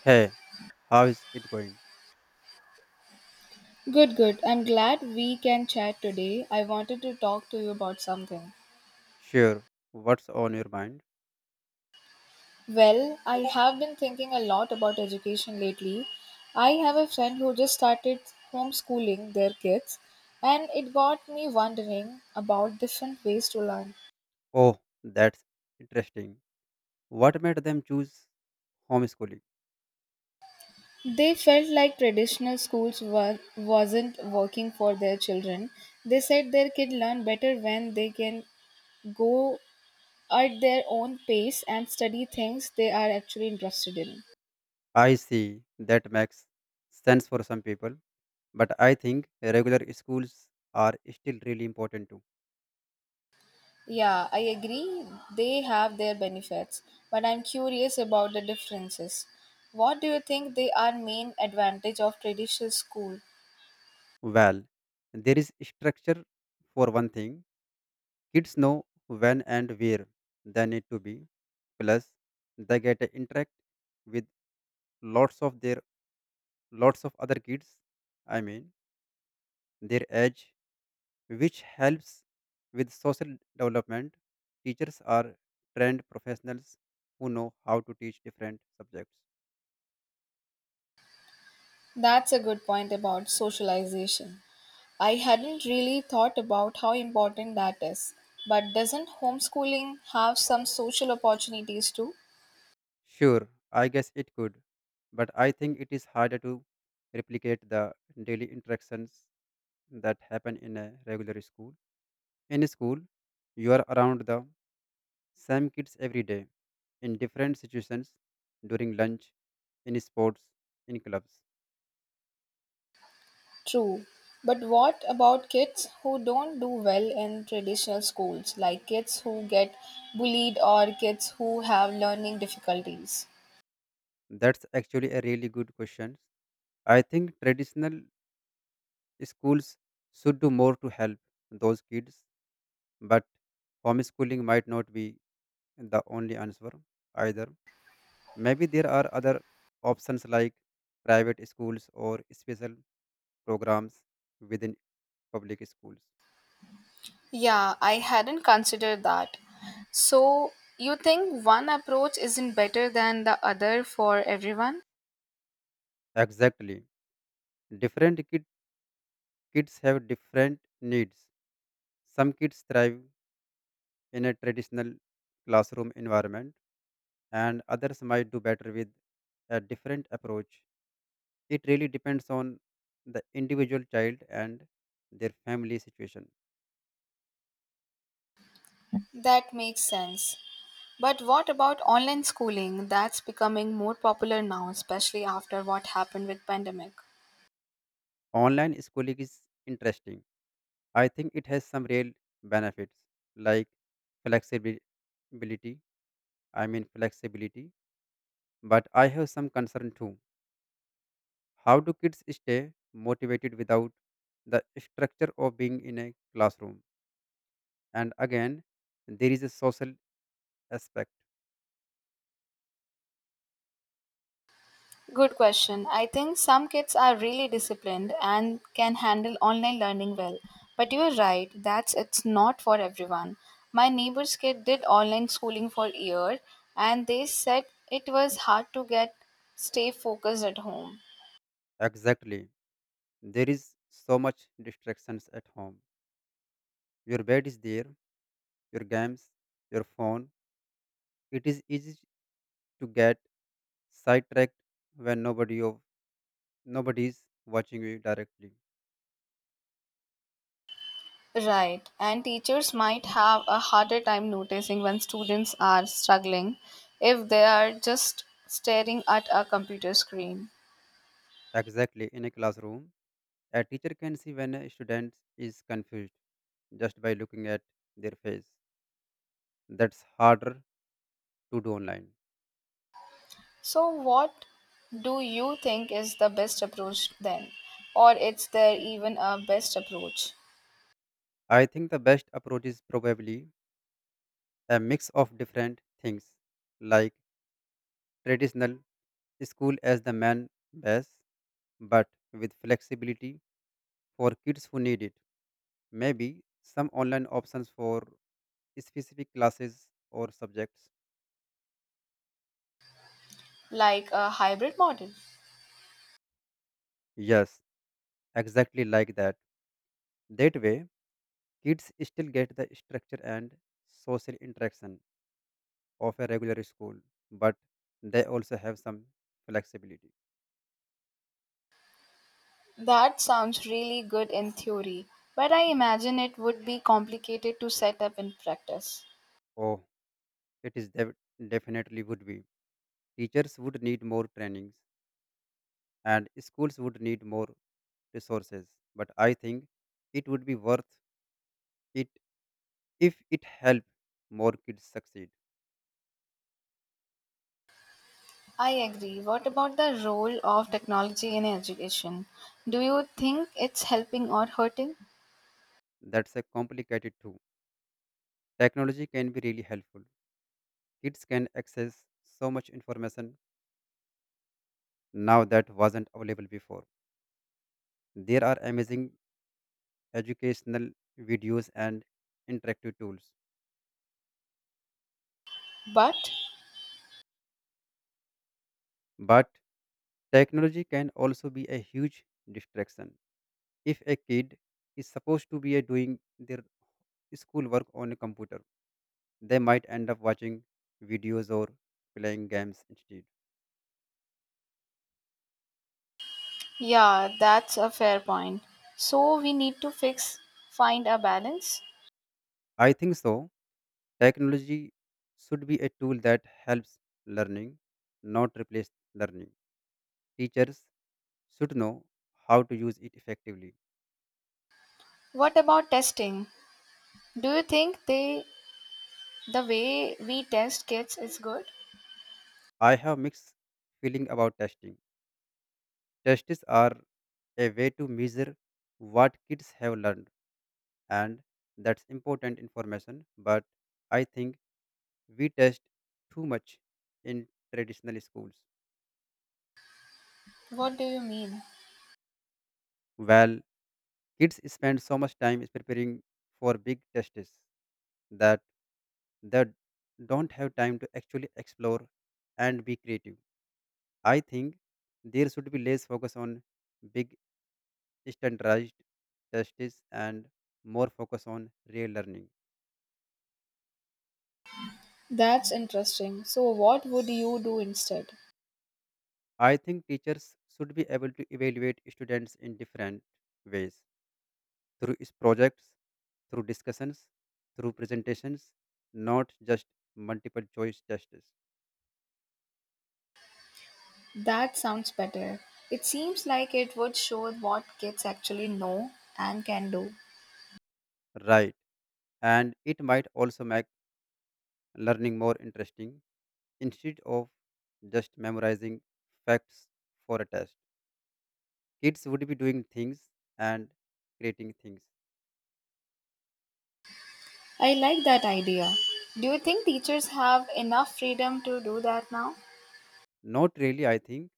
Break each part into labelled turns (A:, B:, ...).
A: Hey, how is it going?
B: Good, good. I'm glad we can chat today. I wanted to talk to you about something.
A: Sure, what's on your mind?
B: Well, I have been thinking a lot about education lately. I have a friend who just started homeschooling their kids, and it got me wondering about different ways to learn.
A: Oh, that's interesting. What made them choose homeschooling?
B: They felt like traditional schools were, wasn't working for their children. They said their kid learn better when they can go at their own pace and study things they are actually interested in.
A: I see, that makes sense for some people, but I think regular schools are still really important too.
B: Yeah, I agree. They have their benefits, but I'm curious about the differences. What do you think they are main advantage of traditional school?
A: Well, there is structure for one thing. Kids know when and where they need to be. Plus, they get to interact with lots of their lots of other kids. I mean, their age, which helps with social development. Teachers are trained professionals who know how to teach different subjects.
B: That's a good point about socialization. I hadn't really thought about how important that is. But doesn't homeschooling have some social opportunities too?
A: Sure, I guess it could, but I think it is harder to replicate the daily interactions that happen in a regular school. In school, you are around the same kids every day, in different situations, during lunch, in sports, in clubs.
B: True. But what about kids who don't do well in traditional schools, like kids who get bullied or kids who have learning difficulties?
A: That's actually a really good question. I think traditional schools should do more to help those kids, but homeschooling might not be the only answer either. Maybe there are other options like private schools or special programs within public schools.
B: Yeah, I hadn't considered that. So, you think one approach isn't better than the other for everyone?
A: Exactly. Different kid, kids have different needs. Some kids thrive in a traditional classroom environment, and others might do better with a different approach. It really depends on the individual child and their family situation.
B: That makes sense. But what about online schooling? That's becoming more popular now, especially after what happened with pandemic.
A: Online schooling is interesting. I think it has some real benefits like flexibility. Flexibility. But I have some concern too. How do kids stay motivated without the structure of being in a classroom? And again, there is a social aspect.
B: Good question. I think some kids are really disciplined and can handle online learning well. But you are right, that's it's not for everyone. My neighbor's kid did online schooling for a year and they said it was hard to get stay focused at home.
A: Exactly. There is so much distractions at home. Your bed is there, your games, your phone. It is easy to get sidetracked when nobody is watching you directly.
B: Right, and teachers might have a harder time noticing when students are struggling if they are just staring at a computer screen.
A: Exactly, in a classroom, a teacher can see when a student is confused just by looking at their face. That's harder to do online.
B: So, what do you think is the best approach then? Or is there even a best approach,
A: I think the best approach is probably a mix of different things like traditional school as the main base, but with flexibility for kids who need it. Maybe some online options for specific classes or subjects.
B: like a hybrid model?
A: Yes, exactly like that. That way, kids still get the structure and social interaction of a regular school, but they also have some flexibility.
B: That sounds really good in theory, but I imagine it would be complicated to set up in practice.
A: Oh, it definitely would be. Teachers would need more trainings, and schools would need more resources. But I think it would be worth it if it helped more kids succeed.
B: I agree. What about the role of technology in education? Do you think it's helping or hurting?
A: That's a complicated too. Technology can be really helpful. Kids can access so much information now that wasn't available before. There are amazing educational videos and interactive tools,
B: But
A: but technology can also be a huge distraction. If a kid is supposed to be a doing their schoolwork on a computer, they might end up watching videos or playing games instead.
B: yeah, that's a fair point. So we need to fix find a balance.
A: I think so. Technology should be a tool that helps learning, not replace learning. Teachers should know how to use it effectively.
B: What about testing? Do you think they the way we test kids is good?
A: I have mixed feeling about testing. Tests are a way to measure what kids have learned and that's important information, but I think we test too much in traditional schools.
B: What do you mean?
A: Well, kids spend so much time preparing for big tests that that don't have time to actually explore and be creative. I think there should be less focus on big standardized tests and more focus on real learning.
B: That's interesting. So, what would you do instead?
A: I think teachers should be able to evaluate students in different ways projects, through discussions, through presentations, not just multiple choice tests.
B: That sounds better. It seems like it would show what kids actually know and can do.
A: Right. And it might also make learning more interesting instead of just memorizing facts for a test. Kids would be doing things and creating things.
B: I like that idea. Do you think teachers have enough freedom to do that now?
A: Not really, I think.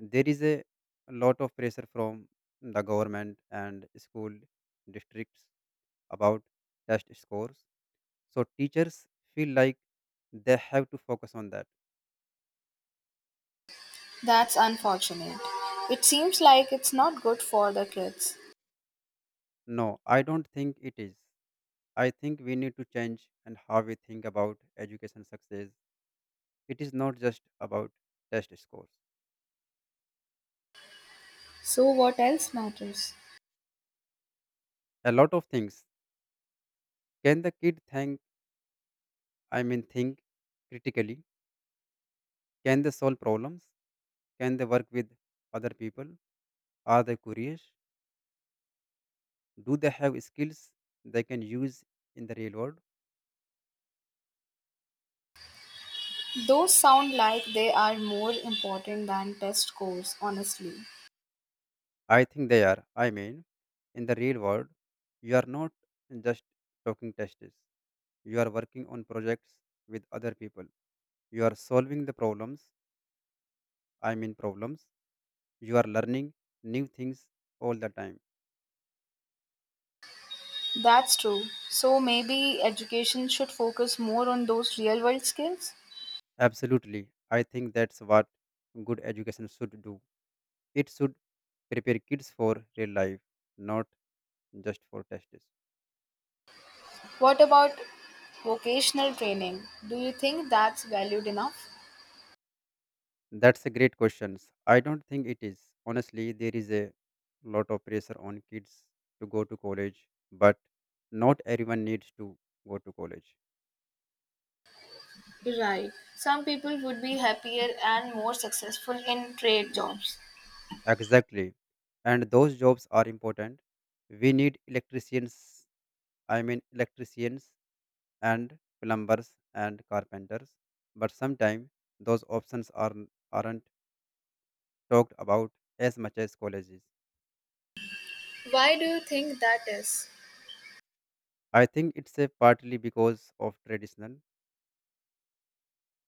A: There is a lot of pressure from the government and school districts about test scores. So teachers feel like they have to focus on that.
B: That's unfortunate. It seems like it's not good for the kids.
A: No, I don't think it is. I think we need to change and how we think about education success. It is not just about test scores.
B: So, what else matters?
A: A lot of things. Can the kid think, I mean, think critically? Can they solve problems? Can they work with other people? Are they curious? Do they have skills they can use in the real world?
B: Those sound like they are more important than test scores, honestly.
A: I think they are. I mean, in the real world, you are not just talking tests. You are working on projects with other people. You are solving the problems. You are learning new things all the time.
B: That's true. So maybe education should focus more on those real world skills?
A: Absolutely. I think that's what good education should do. It should prepare kids for real life, not just for tests.
B: What about vocational training? Do you think that's valued enough?
A: That's a great question. I don't think it is. Honestly, there is a lot of pressure on kids to go to college, but not everyone needs to go to college.
B: Right. Some people would be happier and more successful in trade jobs.
A: Exactly. And those jobs are important. We need electricians and plumbers and carpenters, but sometimes those aren't talked about as much as colleges.
B: Why do you think that is?
A: I think it's a partly because of traditional.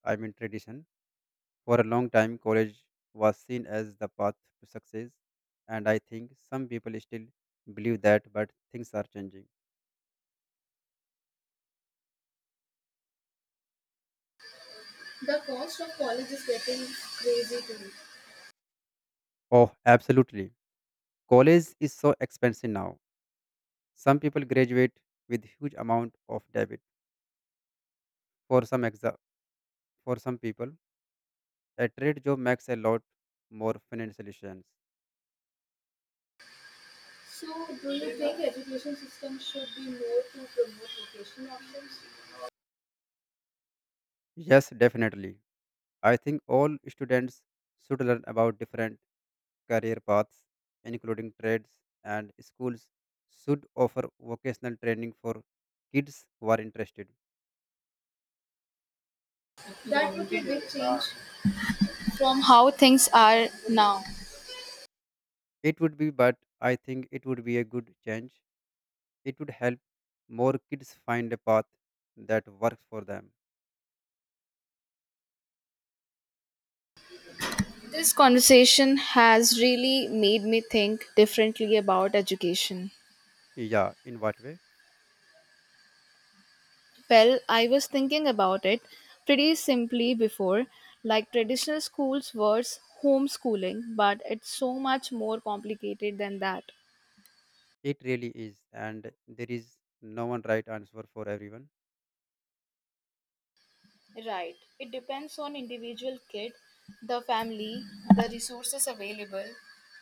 A: I mean tradition. For a long time, college was seen as the path to success, and I think some people still believe that, but things are changing.
B: The cost of college is getting crazy too.
A: Oh, absolutely. College is so expensive now. Some people graduate with huge amount of debt. For some exa- for some people, a trade job makes a lot more financial sense.
B: So, do you think education system should be more to promote vocational options?
A: Yes, definitely. I think all students should learn about different career paths, including trades, and schools should offer vocational training for kids who are interested.
B: That would be a big change from how things are now.
A: It would be, but I think it would be a good change. It would help more kids find a path that works for them.
B: This conversation has really made me think differently about education.
A: Yeah, in what way?
B: Well, I was thinking about it pretty simply before, like traditional schools versus homeschooling, but it's so much more complicated than that.
A: It really is, and there is no one right answer for everyone.
B: Right. It depends on individual kid, the family, the resources available,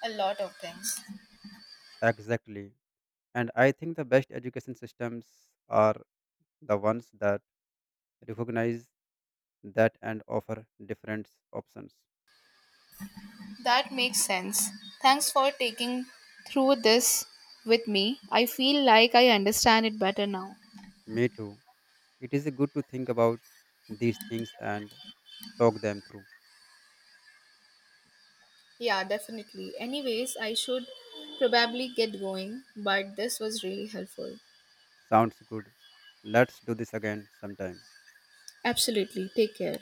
B: a lot of things.
A: Exactly. And I think the best education systems are the ones that recognize that and offer different options.
B: That makes sense. Thanks for taking through this with me. I feel like I understand it better now.
A: Me too. It is good to think about these things and talk them through.
B: Yeah, definitely. Anyways, I should probably get going, but this was really helpful.
A: Sounds good. Let's do this again sometime.
B: Absolutely. Take care.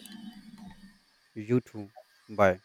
A: You too. Bye.